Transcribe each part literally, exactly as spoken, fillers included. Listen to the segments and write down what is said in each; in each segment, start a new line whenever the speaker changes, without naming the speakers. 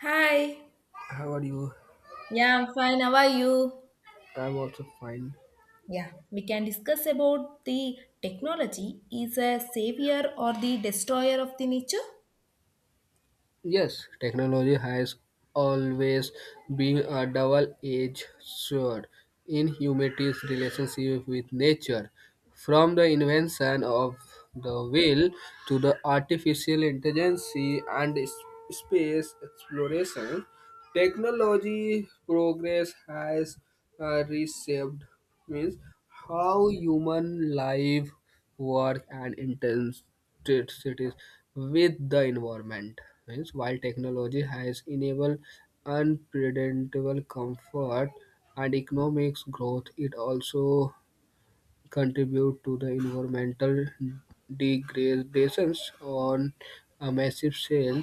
Hi.
How are you?
Yeah, I'm fine. How are you?
I'm also fine.
Yeah, we can discuss about the technology is a savior or the destroyer of the nature.
Yes, technology has always been a double-edged sword in humanity's relationship with nature. From the invention of the wheel to the artificial intelligence and s- space exploration, technology progress has uh, reshaped means how human life, work, and intents state cities with the environment. Means while technology has enabled unpredictable comfort and economic growth, it also contributes to the environmental degradations on a massive scale.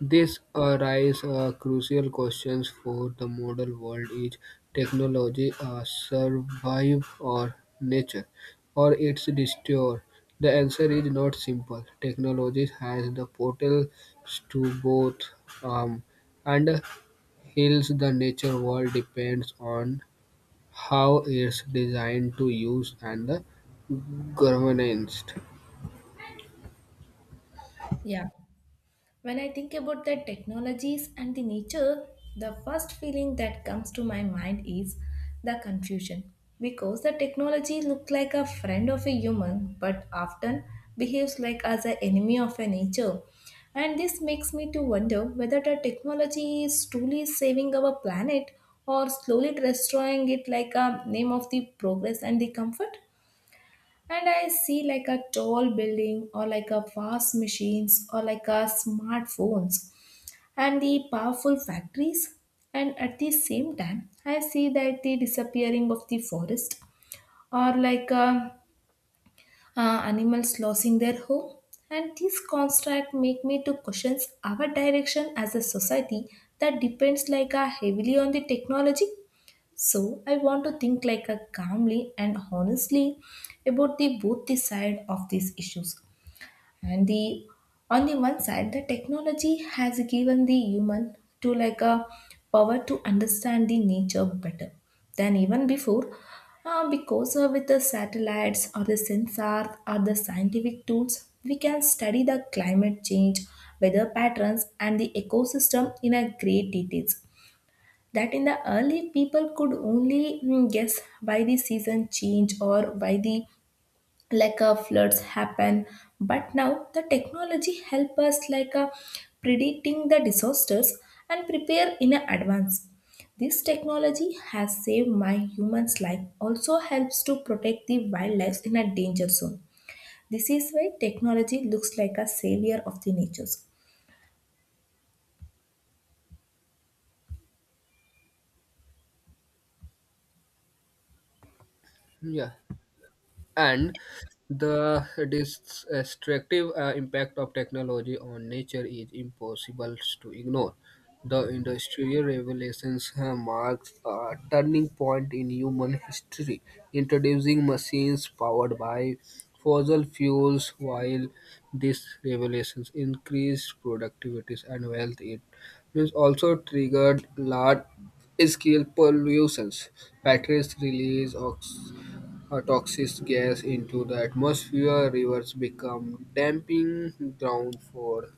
This arises a crucial questions for the modern world: is technology a survive or nature, or its destroyer? The answer is not simple. Technology has the potential to both harm and heals the nature world depends on how it's designed to use and the governance.
Yeah. When I think about the technologies and the nature, the first feeling that comes to my mind is the confusion. Because the technology looks like a friend of a human but often behaves like as an enemy of a nature. And this makes me to wonder whether the technology is truly saving our planet or slowly destroying it like a name of the progress and the comfort, and I see like a tall building or like a fast machines or like a smartphones and the powerful factories, and at the same time I see that the disappearing of the forest or like uh, uh, animals losing their home, and these constructs make me to question our direction as a society that depends like uh, heavily on the technology. So I want to think like a calmly and honestly about the both the side of these issues. And the On the one side, the technology has given the human to like a power to understand the nature better than even before. Uh, because uh, with the satellites or the sensors or the scientific tools, we can study the climate change, weather patterns, and the ecosystem in a great details. That in the early people could only mm, guess why the season change or why the like a floods happen, but now the technology help us like a predicting the disasters and prepare in a advance. This technology has saved my human's life, also helps to protect the wildlife in a danger zone. This is why technology looks like a savior of the natures.
Yeah, and the destructive uh, impact of technology on nature is impossible to ignore. The industrial revelations uh, marks a turning point in human history, introducing machines powered by fossil fuels. While these revelations increased productivities and wealth, it means also triggered large scale pollutions. Factories release ox- a toxic gas into the atmosphere, rivers become dumping ground for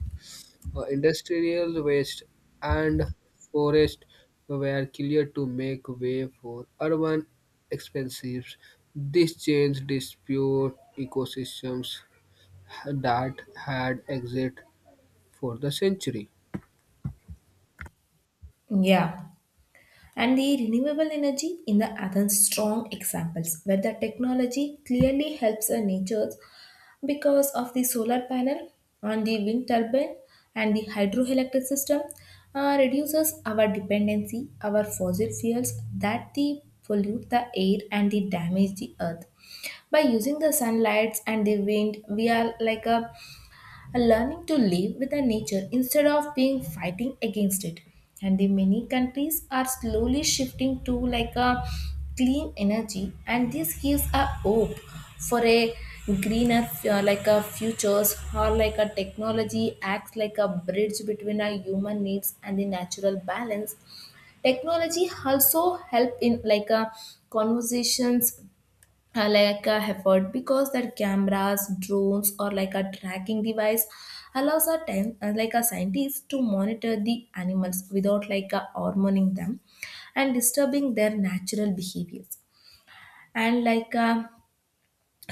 uh, industrial waste, and forests were cleared to make way for urban expansions. This change dispute ecosystems that had existed for the century.
Yeah. And the renewable energy in the other strong examples where the technology clearly helps a nature, because of the solar panel on the wind turbine and the hydroelectric system uh, reduces our dependency our fossil fuels that the pollute the air and the damage the earth. By using the sunlights and the wind, we are like a and learning to live with the nature instead of being fighting against it. And the many countries are slowly shifting to like a clean energy, and this gives a hope for a greener uh, like a futures, or like a technology acts like a bridge between our human needs and the natural balance. Technology also help in like a conversations uh, like a effort, because their cameras, drones, or like a tracking device allows a time uh, like a scientist to monitor the animals without like uh, hormoning them and disturbing their natural behaviors. And like uh,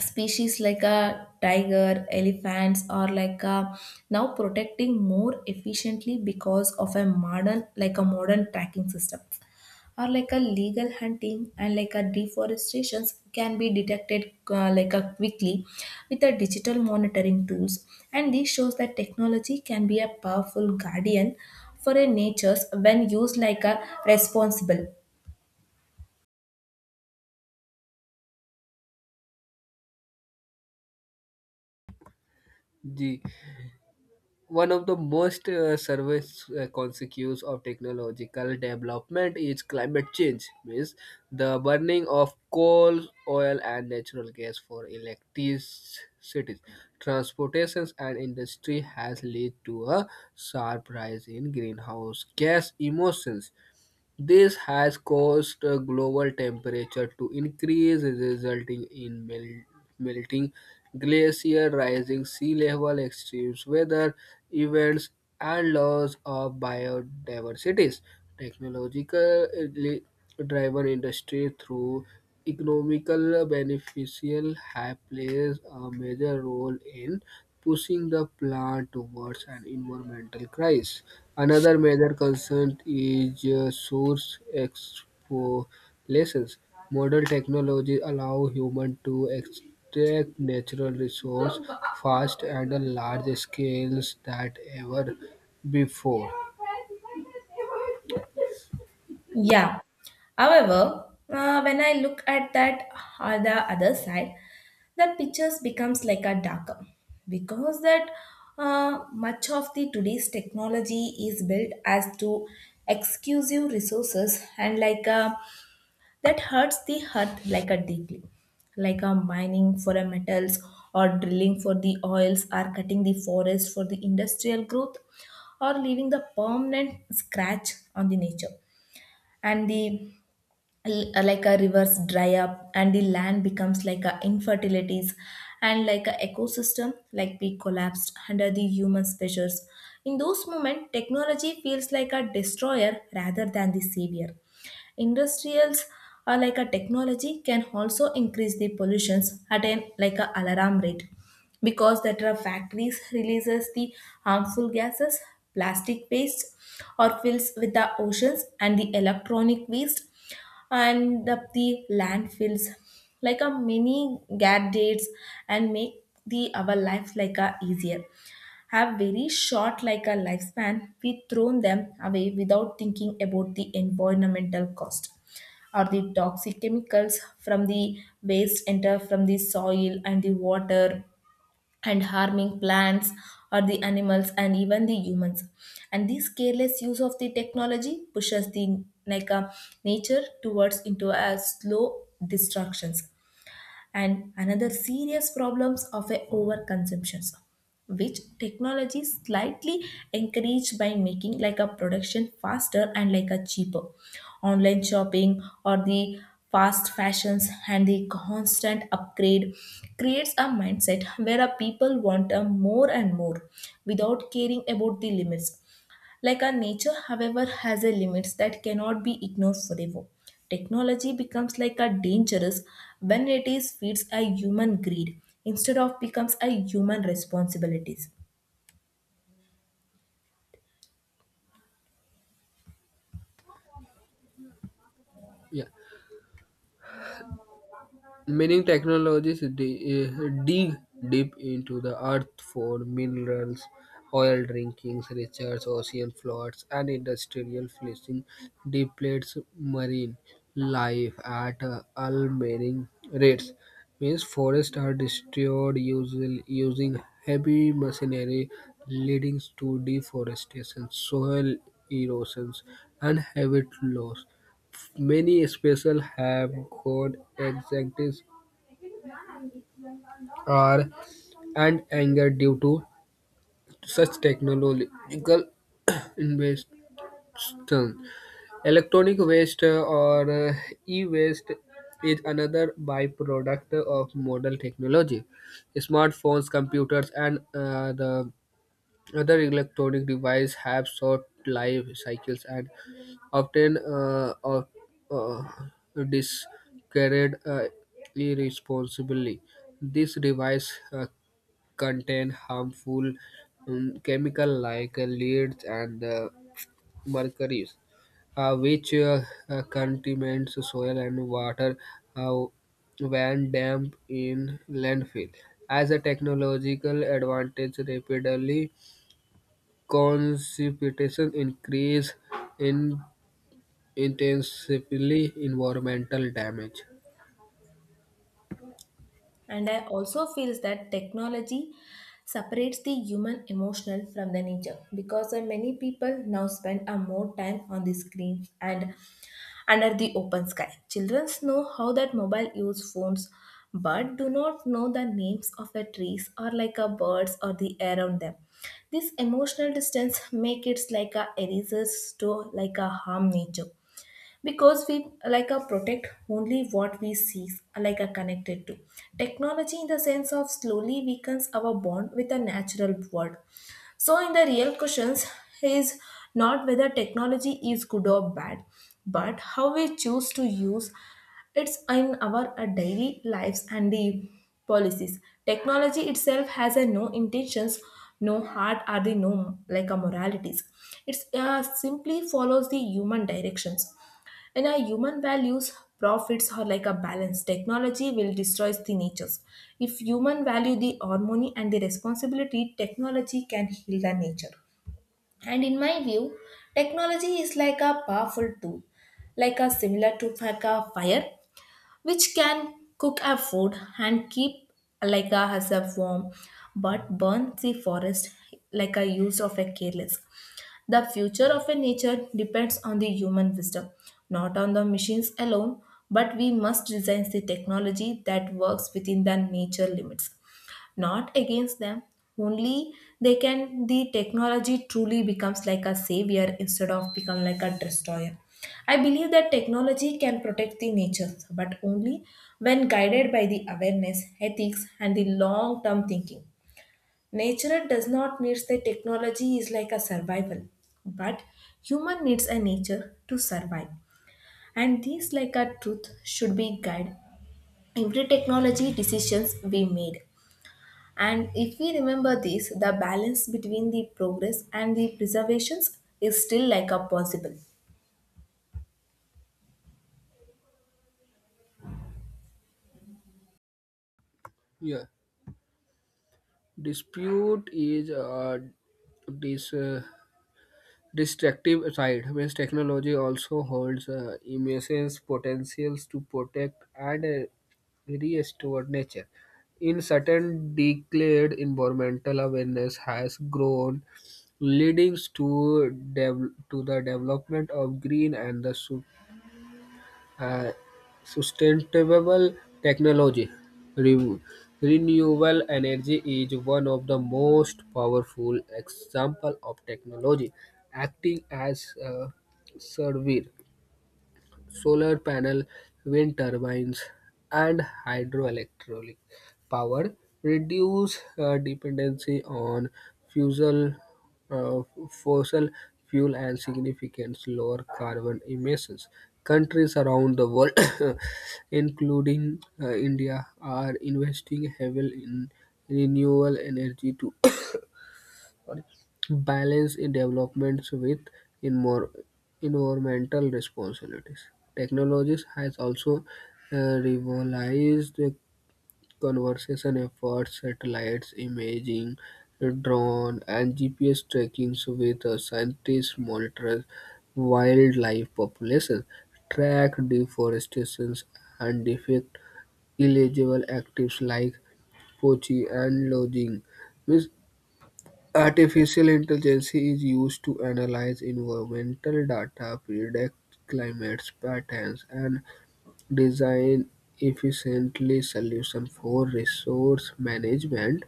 species like a tiger, elephants are like a now protecting more efficiently because of a modern, like a modern tracking systems, or like a legal hunting and like a deforestations can be detected uh, like a quickly with a digital monitoring tools. And this shows that technology can be a powerful guardian for a natures when used like a responsible.
The One of the most uh, service uh, consequences of technological development is climate change, means the burning of coal, oil, and natural gas for electricity, transportations, and industry has led to a sharp rise in greenhouse gas emissions. This has caused uh, global temperature to increase, resulting in mel- melting glacier, rising sea level, extreme weather events, and loss of biodiversity. Technologically driven industry through economical beneficial have plays a major role in pushing the plant towards an environmental crisis. Another major concern is uh, source exploration. Modern technology allow humans to extract natural resources fast and on large scales than ever before.
Yeah. However, uh, when I look at that on the other side, the pictures becomes like a darker, because that uh, much of the today's technology is built as to exclusive resources and like uh, that hurts the earth like a deeply, like a mining for a metals or drilling for the oils or cutting the forest for the industrial growth, or leaving the permanent scratch on the nature. And the l- uh, like a rivers dry up and the land becomes like a infertilities, and like a ecosystem like be collapsed under the human pressures. In those moments, technology feels like a destroyer rather than the savior. Industrials are like a technology can also increase the pollutions at an like a alarm rate, because that are factories releases the harmful gases, plastic waste, or fills with the oceans and the electronic waste and up the landfills. Like a mini gadgets and make the our life like a easier have very short like a lifespan. We thrown them away without thinking about the environmental cost. Or the toxic chemicals from the waste enter from the soil and the water and harming plants or the animals and even the humans. And this careless use of the technology pushes the like a nature towards into a slow destructions. And another serious problems of a overconsumption, which technology slightly encouraged by making like a production faster and like a cheaper. Online shopping or the fast fashions and the constant upgrade creates a mindset where a people want a more and more without caring about the limits. Like our nature, however, has a limits that cannot be ignored forever. Technology becomes like a dangerous when it is feeds a human greed instead of becomes a human responsibilities.
Yeah. Mining technologies di- eh, dig deep into the earth for minerals, oil drinkings, research, ocean floods, and industrial fishing depletes marine life at uh, alarming rates. Means forests are destroyed using, using heavy machinery, leading to deforestation, soil erosions, and habitat loss. Many species have gone extinct are and anger due to such technological invention. Electronic waste uh, or uh, e-waste is another byproduct of modern technology. Smartphones, computers, and uh, the other electronic devices have short life cycles and often uh, of, uh, discarded uh, irresponsibly. These devices uh, contain harmful um, chemical like uh, leads and uh, mercuries, uh, which uh, uh, contaminates soil and water uh, when dumped in landfill. As a technological advantage, rapidly precipitation increase in intensively environmental damage.
And I also feels that technology separates the human emotional from the nature, because uh, many people now spend a more time on the screens and under the open sky. Children know how that mobile use phones but do not know the names of the trees or like a birds or the air around them. This emotional distance make it like a erasers to like a harm nature, because we like a protect only what we see, like a connected to. Technology in the sense of slowly weakens our bond with a natural world. So, in the real questions, is not whether technology is good or bad, but how we choose to use it's in our uh, daily lives and the policies. Technology itself has a no intentions, no heart, or the no like a moralities. It's uh, simply follows the human directions. And our human values, profits are like a balance. Technology will destroy the natures. If human value the harmony and the responsibility, technology can heal the nature. And in my view, technology is like a powerful tool, like a similar to like a fire, which can cook our food and keep like a has a warm, but burns the forest like a use of a careless. The future of a nature depends on the human wisdom, not on the machines alone, but we must design the technology that works within the nature limits, not against them. Only they can the technology truly becomes like a savior instead of become like a destroyer. I believe that technology can protect the nature, but only when guided by the awareness, ethics, and the long term thinking. Nature does not need the technology is like a survival, but human needs a nature to survive. And these like a truth should be guide every technology decisions we made. And if we remember this, the balance between the progress and the preservations is still like a possible.
Yeah, dispute is uh, this. Uh, destructive side, means technology also holds uh, immense potentials to protect and uh, restore nature. In certain declared environmental awareness has grown, leading to dev- to the development of green and the su- uh, sustainable technology. Re- renewable energy is one of the most powerful example of technology acting as a savior solar panel, wind turbines, and hydroelectric power reduce uh, dependency on fusel, uh, fossil fuel and significant lower carbon emissions. Countries around the world, including uh, India, are investing heavily in renewable energy to balance in developments with in more environmental responsibilities. Technology has also uh, revolutionized the conservation efforts. Satellites, imaging, drone, and G P S tracking with uh, scientists monitor wildlife populations, track deforestation, and detect illegal activities like poaching and lodging. Means artificial intelligence is used to analyze environmental data, predict climate patterns, and design efficiently solutions for resource management.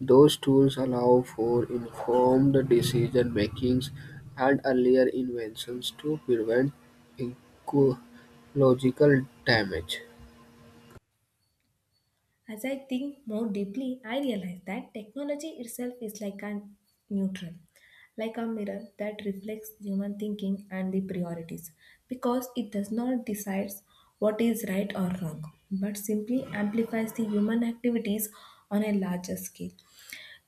Those tools allow for informed decision makings and earlier inventions to prevent ecological damage.
As I think more deeply, I realize that technology itself is like a neutral, like a mirror that reflects human thinking and the priorities, because it does not decide what is right or wrong, but simply amplifies the human activities on a larger scale.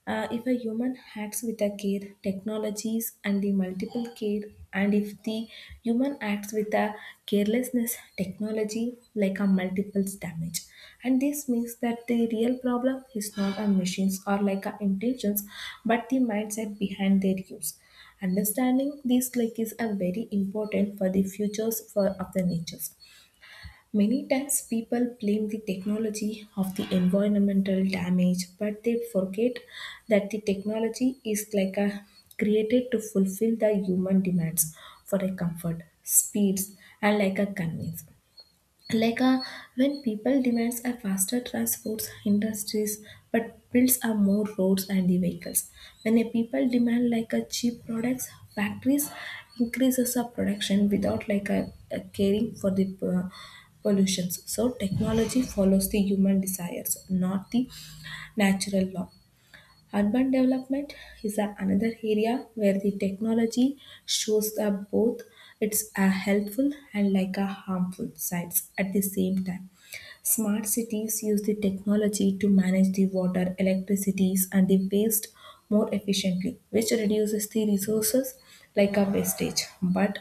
Uh, if a human acts with a care, technologies and the multiple care, and if the human acts with a carelessness, technology like a multiples damage. And this means that the real problem is not a machines or like a intelligence, but the mindset behind their use. Understanding these like is a very important for the futures for of the natures. Many times people blame the technology of the environmental damage, but they forget that the technology is like a created to fulfill the human demands for a comfort, speeds, and like a convenience. Like uh, when people demands a faster transports industries but builds are more roads and the vehicles, when a people demand like a cheap products factories increases a production without like a, a caring for the uh, pollutions. So technology follows the human desires, not the natural law. Urban development is a- another area where the technology shows up both its a helpful and like a harmful sides at the same time. Smart cities use the technology to manage the water, electricities, and the waste more efficiently, which reduces the resources like a wastage. But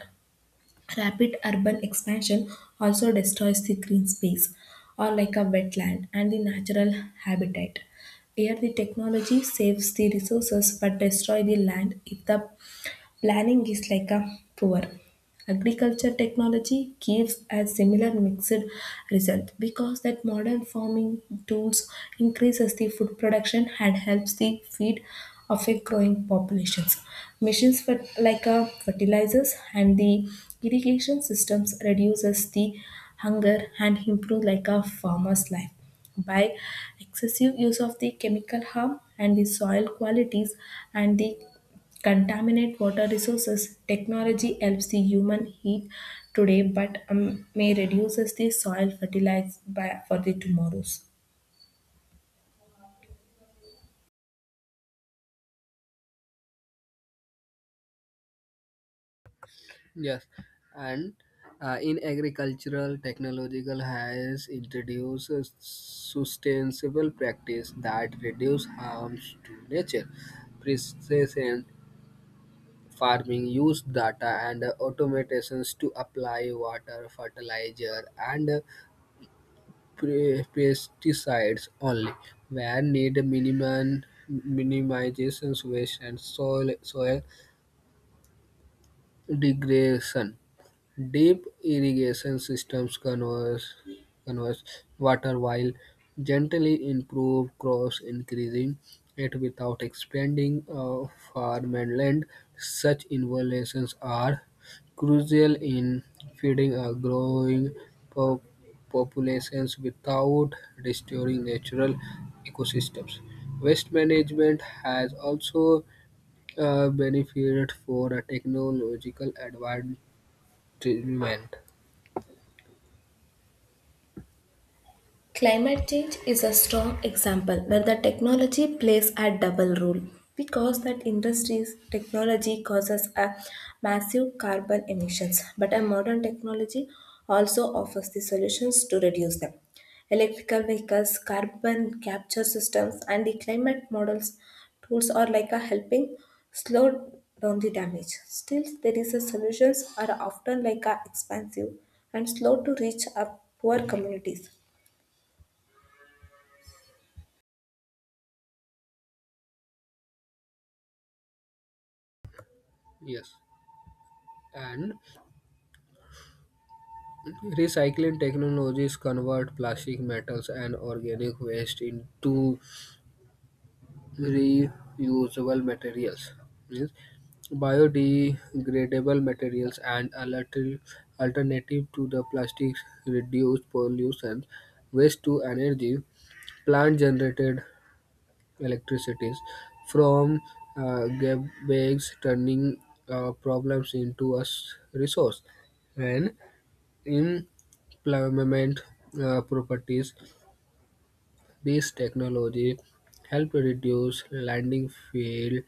rapid urban expansion also destroys the green space or like a wetland and the natural habitat. Here the technology saves the resources but destroy the land if the planning is like a poor. Agriculture technology gives a similar mixed result, because that modern farming tools increases the food production and helps the feed of a growing populations. Machines for like a fertilizers and the irrigation systems reduces the hunger and improve like a farmer's life. By excessive use of the chemical harm and the soil qualities and the contaminate water resources. Technology helps the human heat today, but um, may reduces the soil fertilize by, for the tomorrows.
Yes, and uh, in agricultural, technological has introduced a sustainable practice that reduce harms to nature. Precision farming use data and automations to apply water, fertilizer, and pre- pesticides only where need minimum minimizations waste and soil soil degradation. Deep irrigation systems conserve conserve water while gently improve crops, increasing it without expanding uh, farmland. Such innovations are crucial in feeding a growing po- populations without restoring natural ecosystems. Waste management has also uh, benefited for a technological advancement.
Climate change is a strong example where the technology plays a double role because that industries technology causes a massive carbon emissions, but a modern technology also offers the solutions to reduce them. Electrical vehicles, carbon capture systems, and the climate models tools are like a helping slow down the damage. Still there is a solutions are often like a expensive and slow to reach up poor communities.
Yes, and recycling technologies convert plastic metals and organic waste into reusable materials. Means biodegradable materials and alter- alternative to the plastics reduce pollution, waste to energy, plant generated electricities from uh, gap bags, turning uh, problems into a s- resource. And in pavement uh, properties, this technology help reduce landing field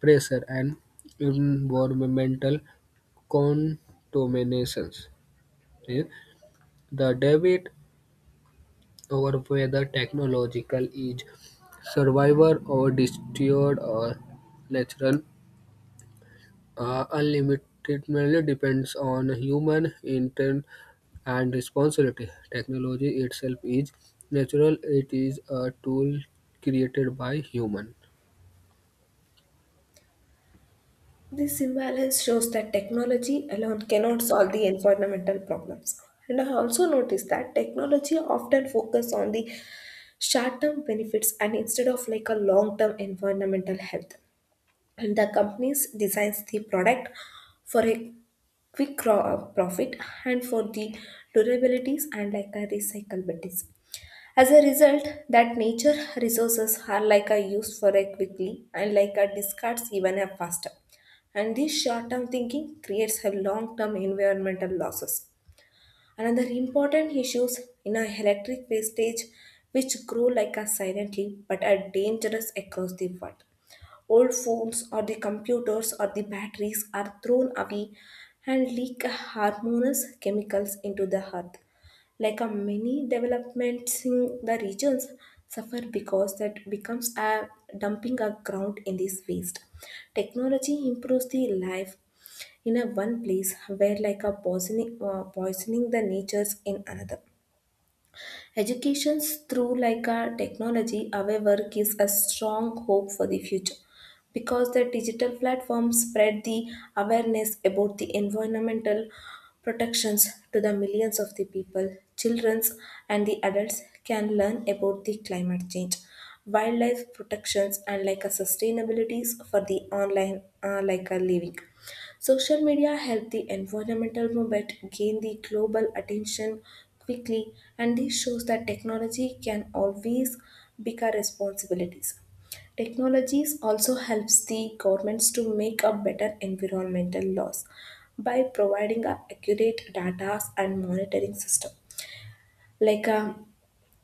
pressure and environmental contaminations. Eh, The debate over whether technological is survivor or destroyed or natural Uh, unlimitedly depends on human intent and responsibility. Technology itself is natural, it is a tool created by human.
This imbalance shows that technology alone cannot solve the environmental problems. And I also noticed that technology often focus on the short-term benefits and instead of like a long-term environmental health. And the companies designs the product for a quick cro- uh, profit and for the durabilities and like a recyclability. As a result, that nature resources are like a use for it quickly and like a discards even a faster. And this short-term thinking creates a long-term environmental losses. Another important issues in our electric wastage which grow like a silently but are dangerous across the world. Old phones or the computers or the batteries are thrown away and leak harmonious chemicals into the earth. Like a many developments in the regions suffer because that becomes a dumping a ground in this waste. Technology improves the life in a one place where like a poisoning, uh, poisoning the natures in another. Education through like our technology, however, gives a strong hope for the future because the digital platforms spread the awareness about the environmental protections to the millions of the people. Children and the adults can learn about the climate change, wildlife protections, and like a sustainabilities for the online uh, like a living. Social media helped the environmental movement gain the global attention quickly, and this shows that technology can always become responsibilities. Technologies also helps the governments to make a better environmental laws by providing a accurate data and monitoring system like a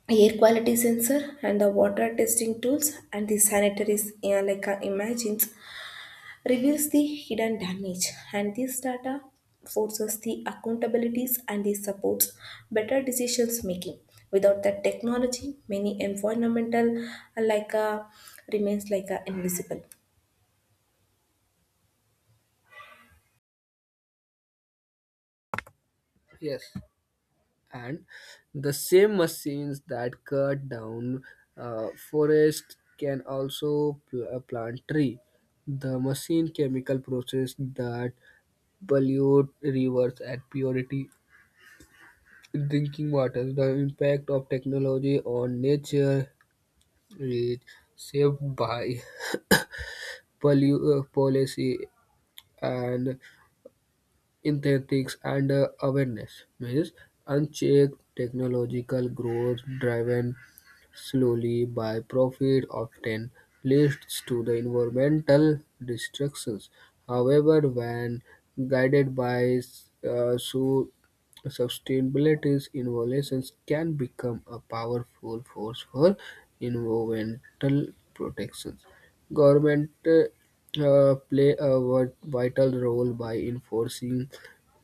air quality sensor and the water testing tools and the sanitaries, yeah, like uh, imagines reveals the hidden damage, and this data forces the accountabilities and this supports better decisions making. Without that technology many environmental uh, like uh, remains like uh, invisible.
Yes, and the same machines that cut down uh, forest can also pl- uh, plant tree. The machine chemical process that pollute rivers and purity drinking water. The impact of technology on nature is shaped by poli- uh, policy and ethics and uh, awareness. Means unchecked technological growth driven slowly by profit, often leads to the environmental destructions. However, when guided by uh, su- sustainability, innovations can become a powerful force for environmental protections. Government uh, play a vi- vital role by enforcing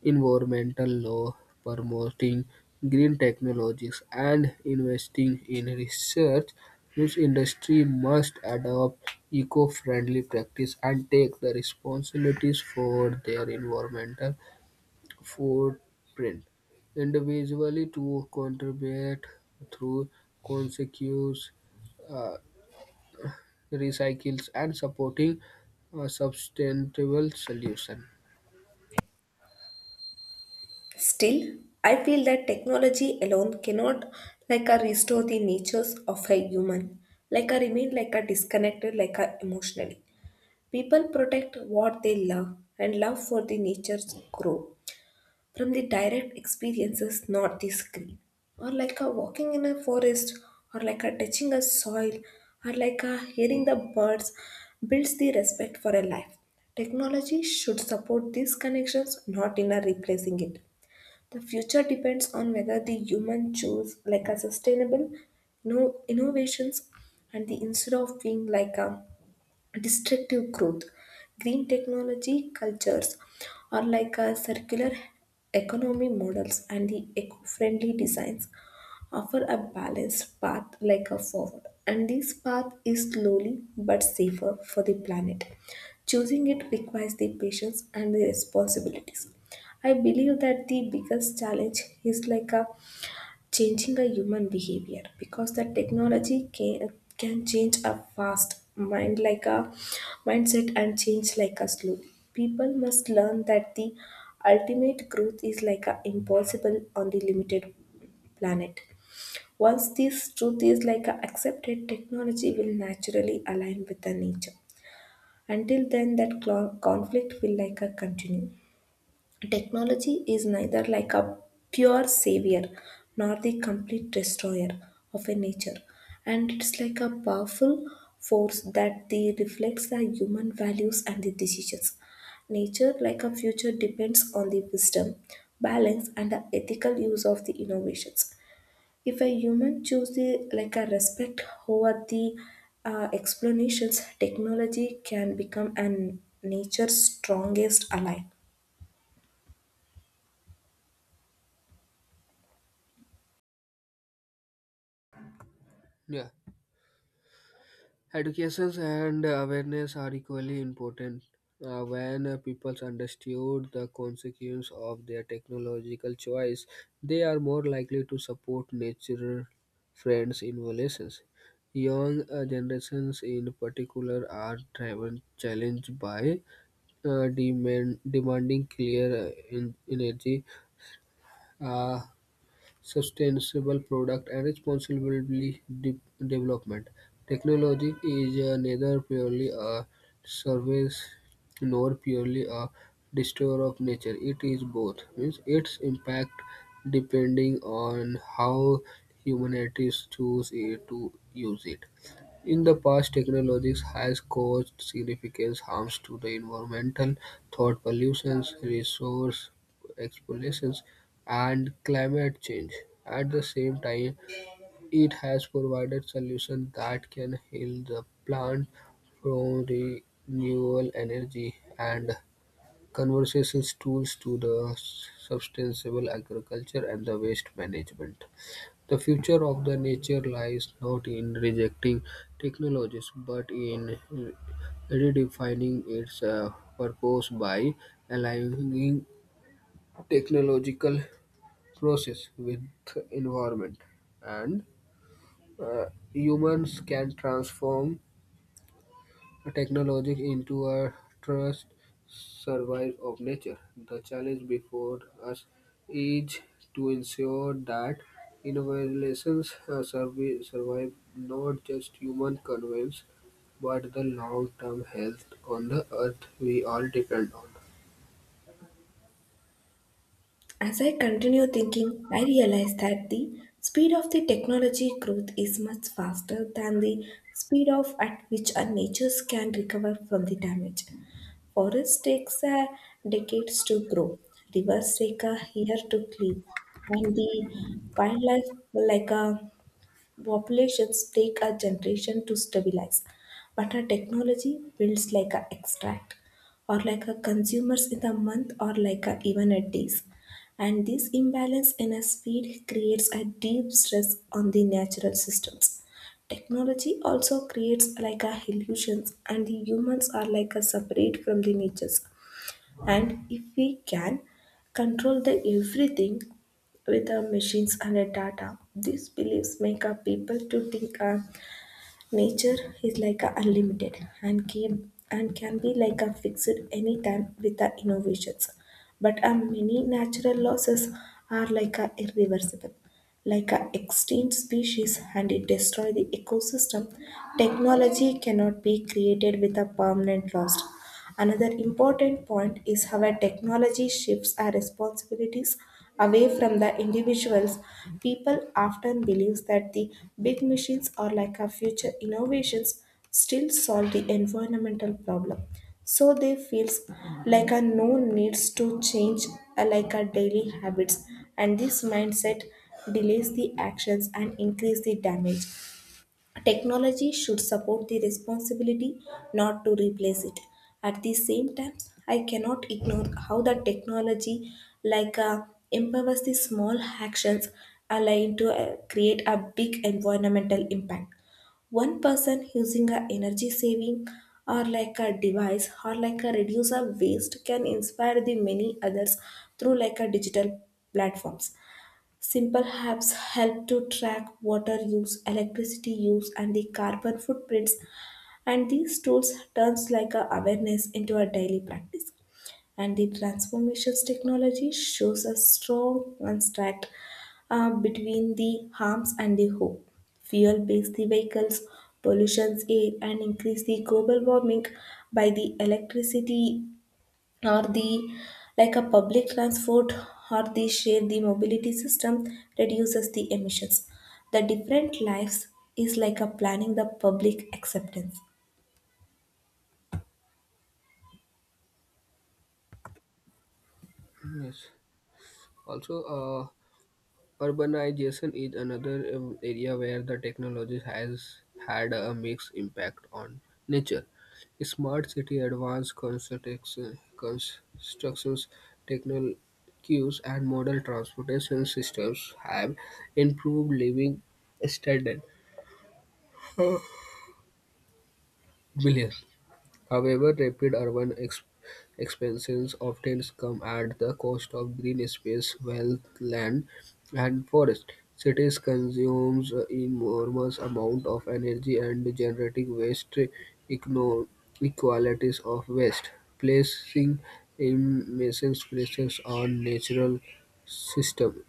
environmental law, promoting green technologies, and investing in research, each industry must adopt eco-friendly practice and take the responsibilities for their environmental footprint. Individually to contribute through consequence uh, recycles and supporting a sustainable solution.
Still I feel that technology alone cannot like a restore the natures of a human, like a remain like a disconnected like a emotionally. People protect what they love, and love for the nature's grow from the direct experiences, not the screen. Or like a walking in a forest, or like a touching a soil, or like a hearing the birds builds the respect for a life. Technology should support these connections, not in a replacing it. The future depends on whether the human choose like a sustainable no innovations and the instead of being like a destructive growth. Green technology cultures are like a circular economy models, and the eco-friendly designs offer a balanced path like a forward, and this path is slowly but safer for the planet. Choosing it requires the patience and the responsibilities. I believe that the biggest challenge is like a changing the human behavior because the technology can, can change a fast mind like a mindset and change like a slow. People must learn that the ultimate growth is like a impossible on the limited planet. Once this truth is like a accepted, technology will naturally align with the nature. Until then that clo- conflict will like a continue. Technology is neither like a pure savior nor the complete destroyer of a nature, and it's like a powerful force that the reflects the human values and the decisions. Nature, like a future, depends on the wisdom, balance, and the ethical use of the innovations. If a human chooses like a respect over the uh, explanations, technology can become an nature's strongest ally.
Yeah. Education and awareness are equally important. Uh, when uh, people understood the consequence of their technological choice, they are more likely to support nature friends in relations. Young uh, generations, in particular, are driven challenged by uh, demand, demanding clear uh, en- energy. Uh, sustainable product and responsible de- development. Technology is uh, neither purely a service nor purely a destroyer of nature. It is both. Means its impact depending on how humanity choose it to use it. In the past, technologies has caused significant harms to the environmental, thought pollutions, resource explorations, and climate change. At the same time, it has provided solutions that can heal the plant from renewable energy and conversations tools to the sustainable agriculture and the waste management. The future of the nature lies not in rejecting technologies but in redefining its uh, purpose by aligning technological process with environment and uh, humans can transform technology into a trust survive of nature. The challenge before us is to ensure that innovations uh, survi- survive not just human convenience but the long-term health on the earth we all depend
As I continue thinking, I realize that the speed of the technology growth is much faster than the speed of at which our natures can recover from the damage. Forest takes uh, decades to grow, rivers take a year to clean, and the wildlife like a populations take a generation to stabilize, but our technology builds like a extract, or like a consumers in a month, or like a even a days. And this imbalance in a speed creates a deep stress on the natural systems. Technology also creates like a illusions, and the humans are like a separate from the natures. And if we can control the everything with our machines and our data, these beliefs make our people to think uh, nature is like a unlimited and can, and can be like a fixed anytime with our innovations. But uh, many natural losses are like a irreversible like an extinct species, and it destroys the ecosystem. Technology cannot be created with a permanent loss. Another important point is how a technology shifts our responsibilities away from the individuals. People often believe that the big machines or like our future innovations still solve the environmental problem. So they feels like a no needs to change uh, like our daily habits, and this mindset delays the actions and increase the damage. Technology should support the responsibility, not to replace it. At the same time, I cannot ignore how the technology like uh, empowers the small actions aligned to uh, create a big environmental impact. One person using a energy saving or like a device or like a reduce of waste can inspire the many others through like a digital platforms. Simple apps help to track water use, electricity use, and the carbon footprints, and these tools turns like a awareness into a daily practice. And the transformations technology shows a strong contrast uh, between the harms and the hope. Fuel based the vehicles, pollutions air and increase the global warming by the electricity or the like a public transport or the share the mobility system reduces the emissions. The different lives is like a planning the public acceptance.
on. Yes, also, uh, urbanization is another um, area where the technology has had a mixed impact on nature. Smart city advanced construction- constructions, technologies, and modern transportation systems have improved living standards. Millions. However, rapid urban ex- expansions often come at the cost of green space, wealth, land, and forest. Cities consume enormous amount of energy and generating waste igno- equalities of waste, placing immense pressures on natural system.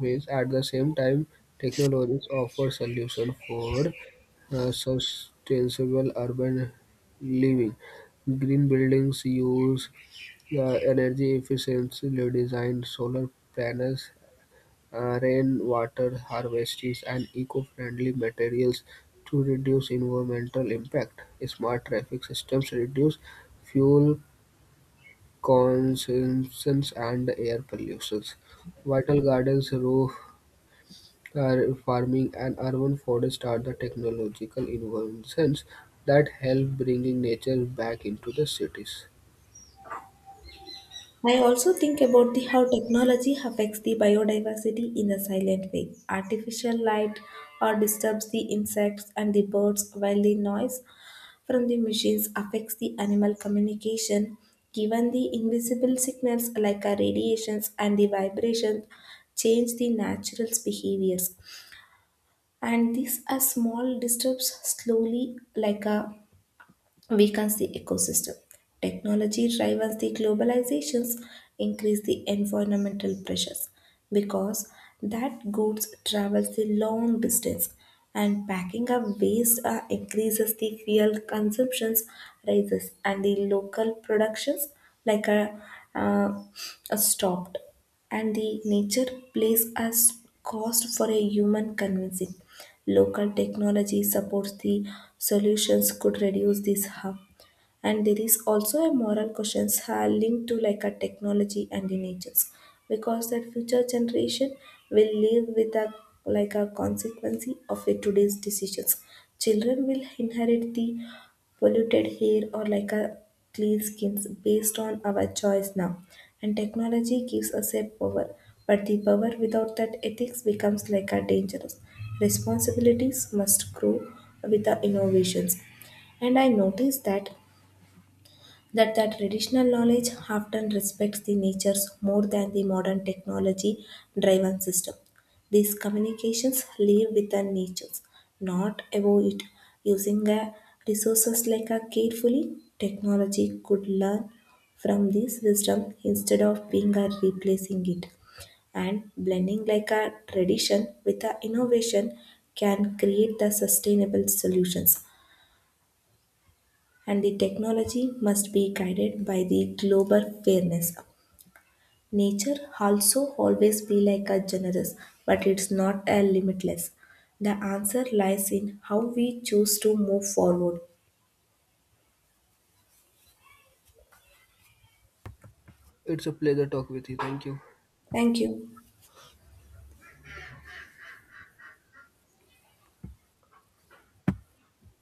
Means at the same time, technologies offer solution for uh, sustainable urban living. Green buildings use uh, energy efficiently designed solar panels, uh, rainwater harvesting, and eco-friendly materials to reduce environmental impact. Smart traffic systems reduce fuel consumption and air pollution. Vital gardens, raw Far- farming and urban forest are the technological inventions that help bringing nature back into the cities.
I also think about the how technology affects the biodiversity in a silent way. Artificial light or disturbs the insects and the birds, while the noise from the machines affects the animal communication. Given the invisible signals like a radiations and the vibrations change the natural behaviors. And these are small disturbs slowly like a weakens the ecosystem. Technology drives the globalizations, increase the environmental pressures because that goods travels the long distance and packing up waste uh, increases the fuel consumptions rises, and the local productions like a, uh, uh, stopped, and the nature plays as cost for a human convincing. Local technology supports the solutions could reduce this harm, and there is also a moral questions are linked to like a technology and the natures because that future generation will live with a like a consequence of a today's decisions. Children will inherit the polluted hair or like a clean skins based on our choice now, and technology gives us a power, but the power without that ethics becomes like a dangerous. Responsibilities must grow with the innovations, and I noticed that that the traditional knowledge often respects the natures more than the modern technology driven system. These communications live within natures, not above it. Using a resources like a carefully, technology could learn from this wisdom instead of being a replacing it. And blending like a tradition with a innovation can create the sustainable solutions, and the technology must be guided by the global fairness. Nature also always be like a generous, but it's not a limitless. The answer lies in how we choose to move forward.
It's a pleasure talk with you. Thank you.
Thank you.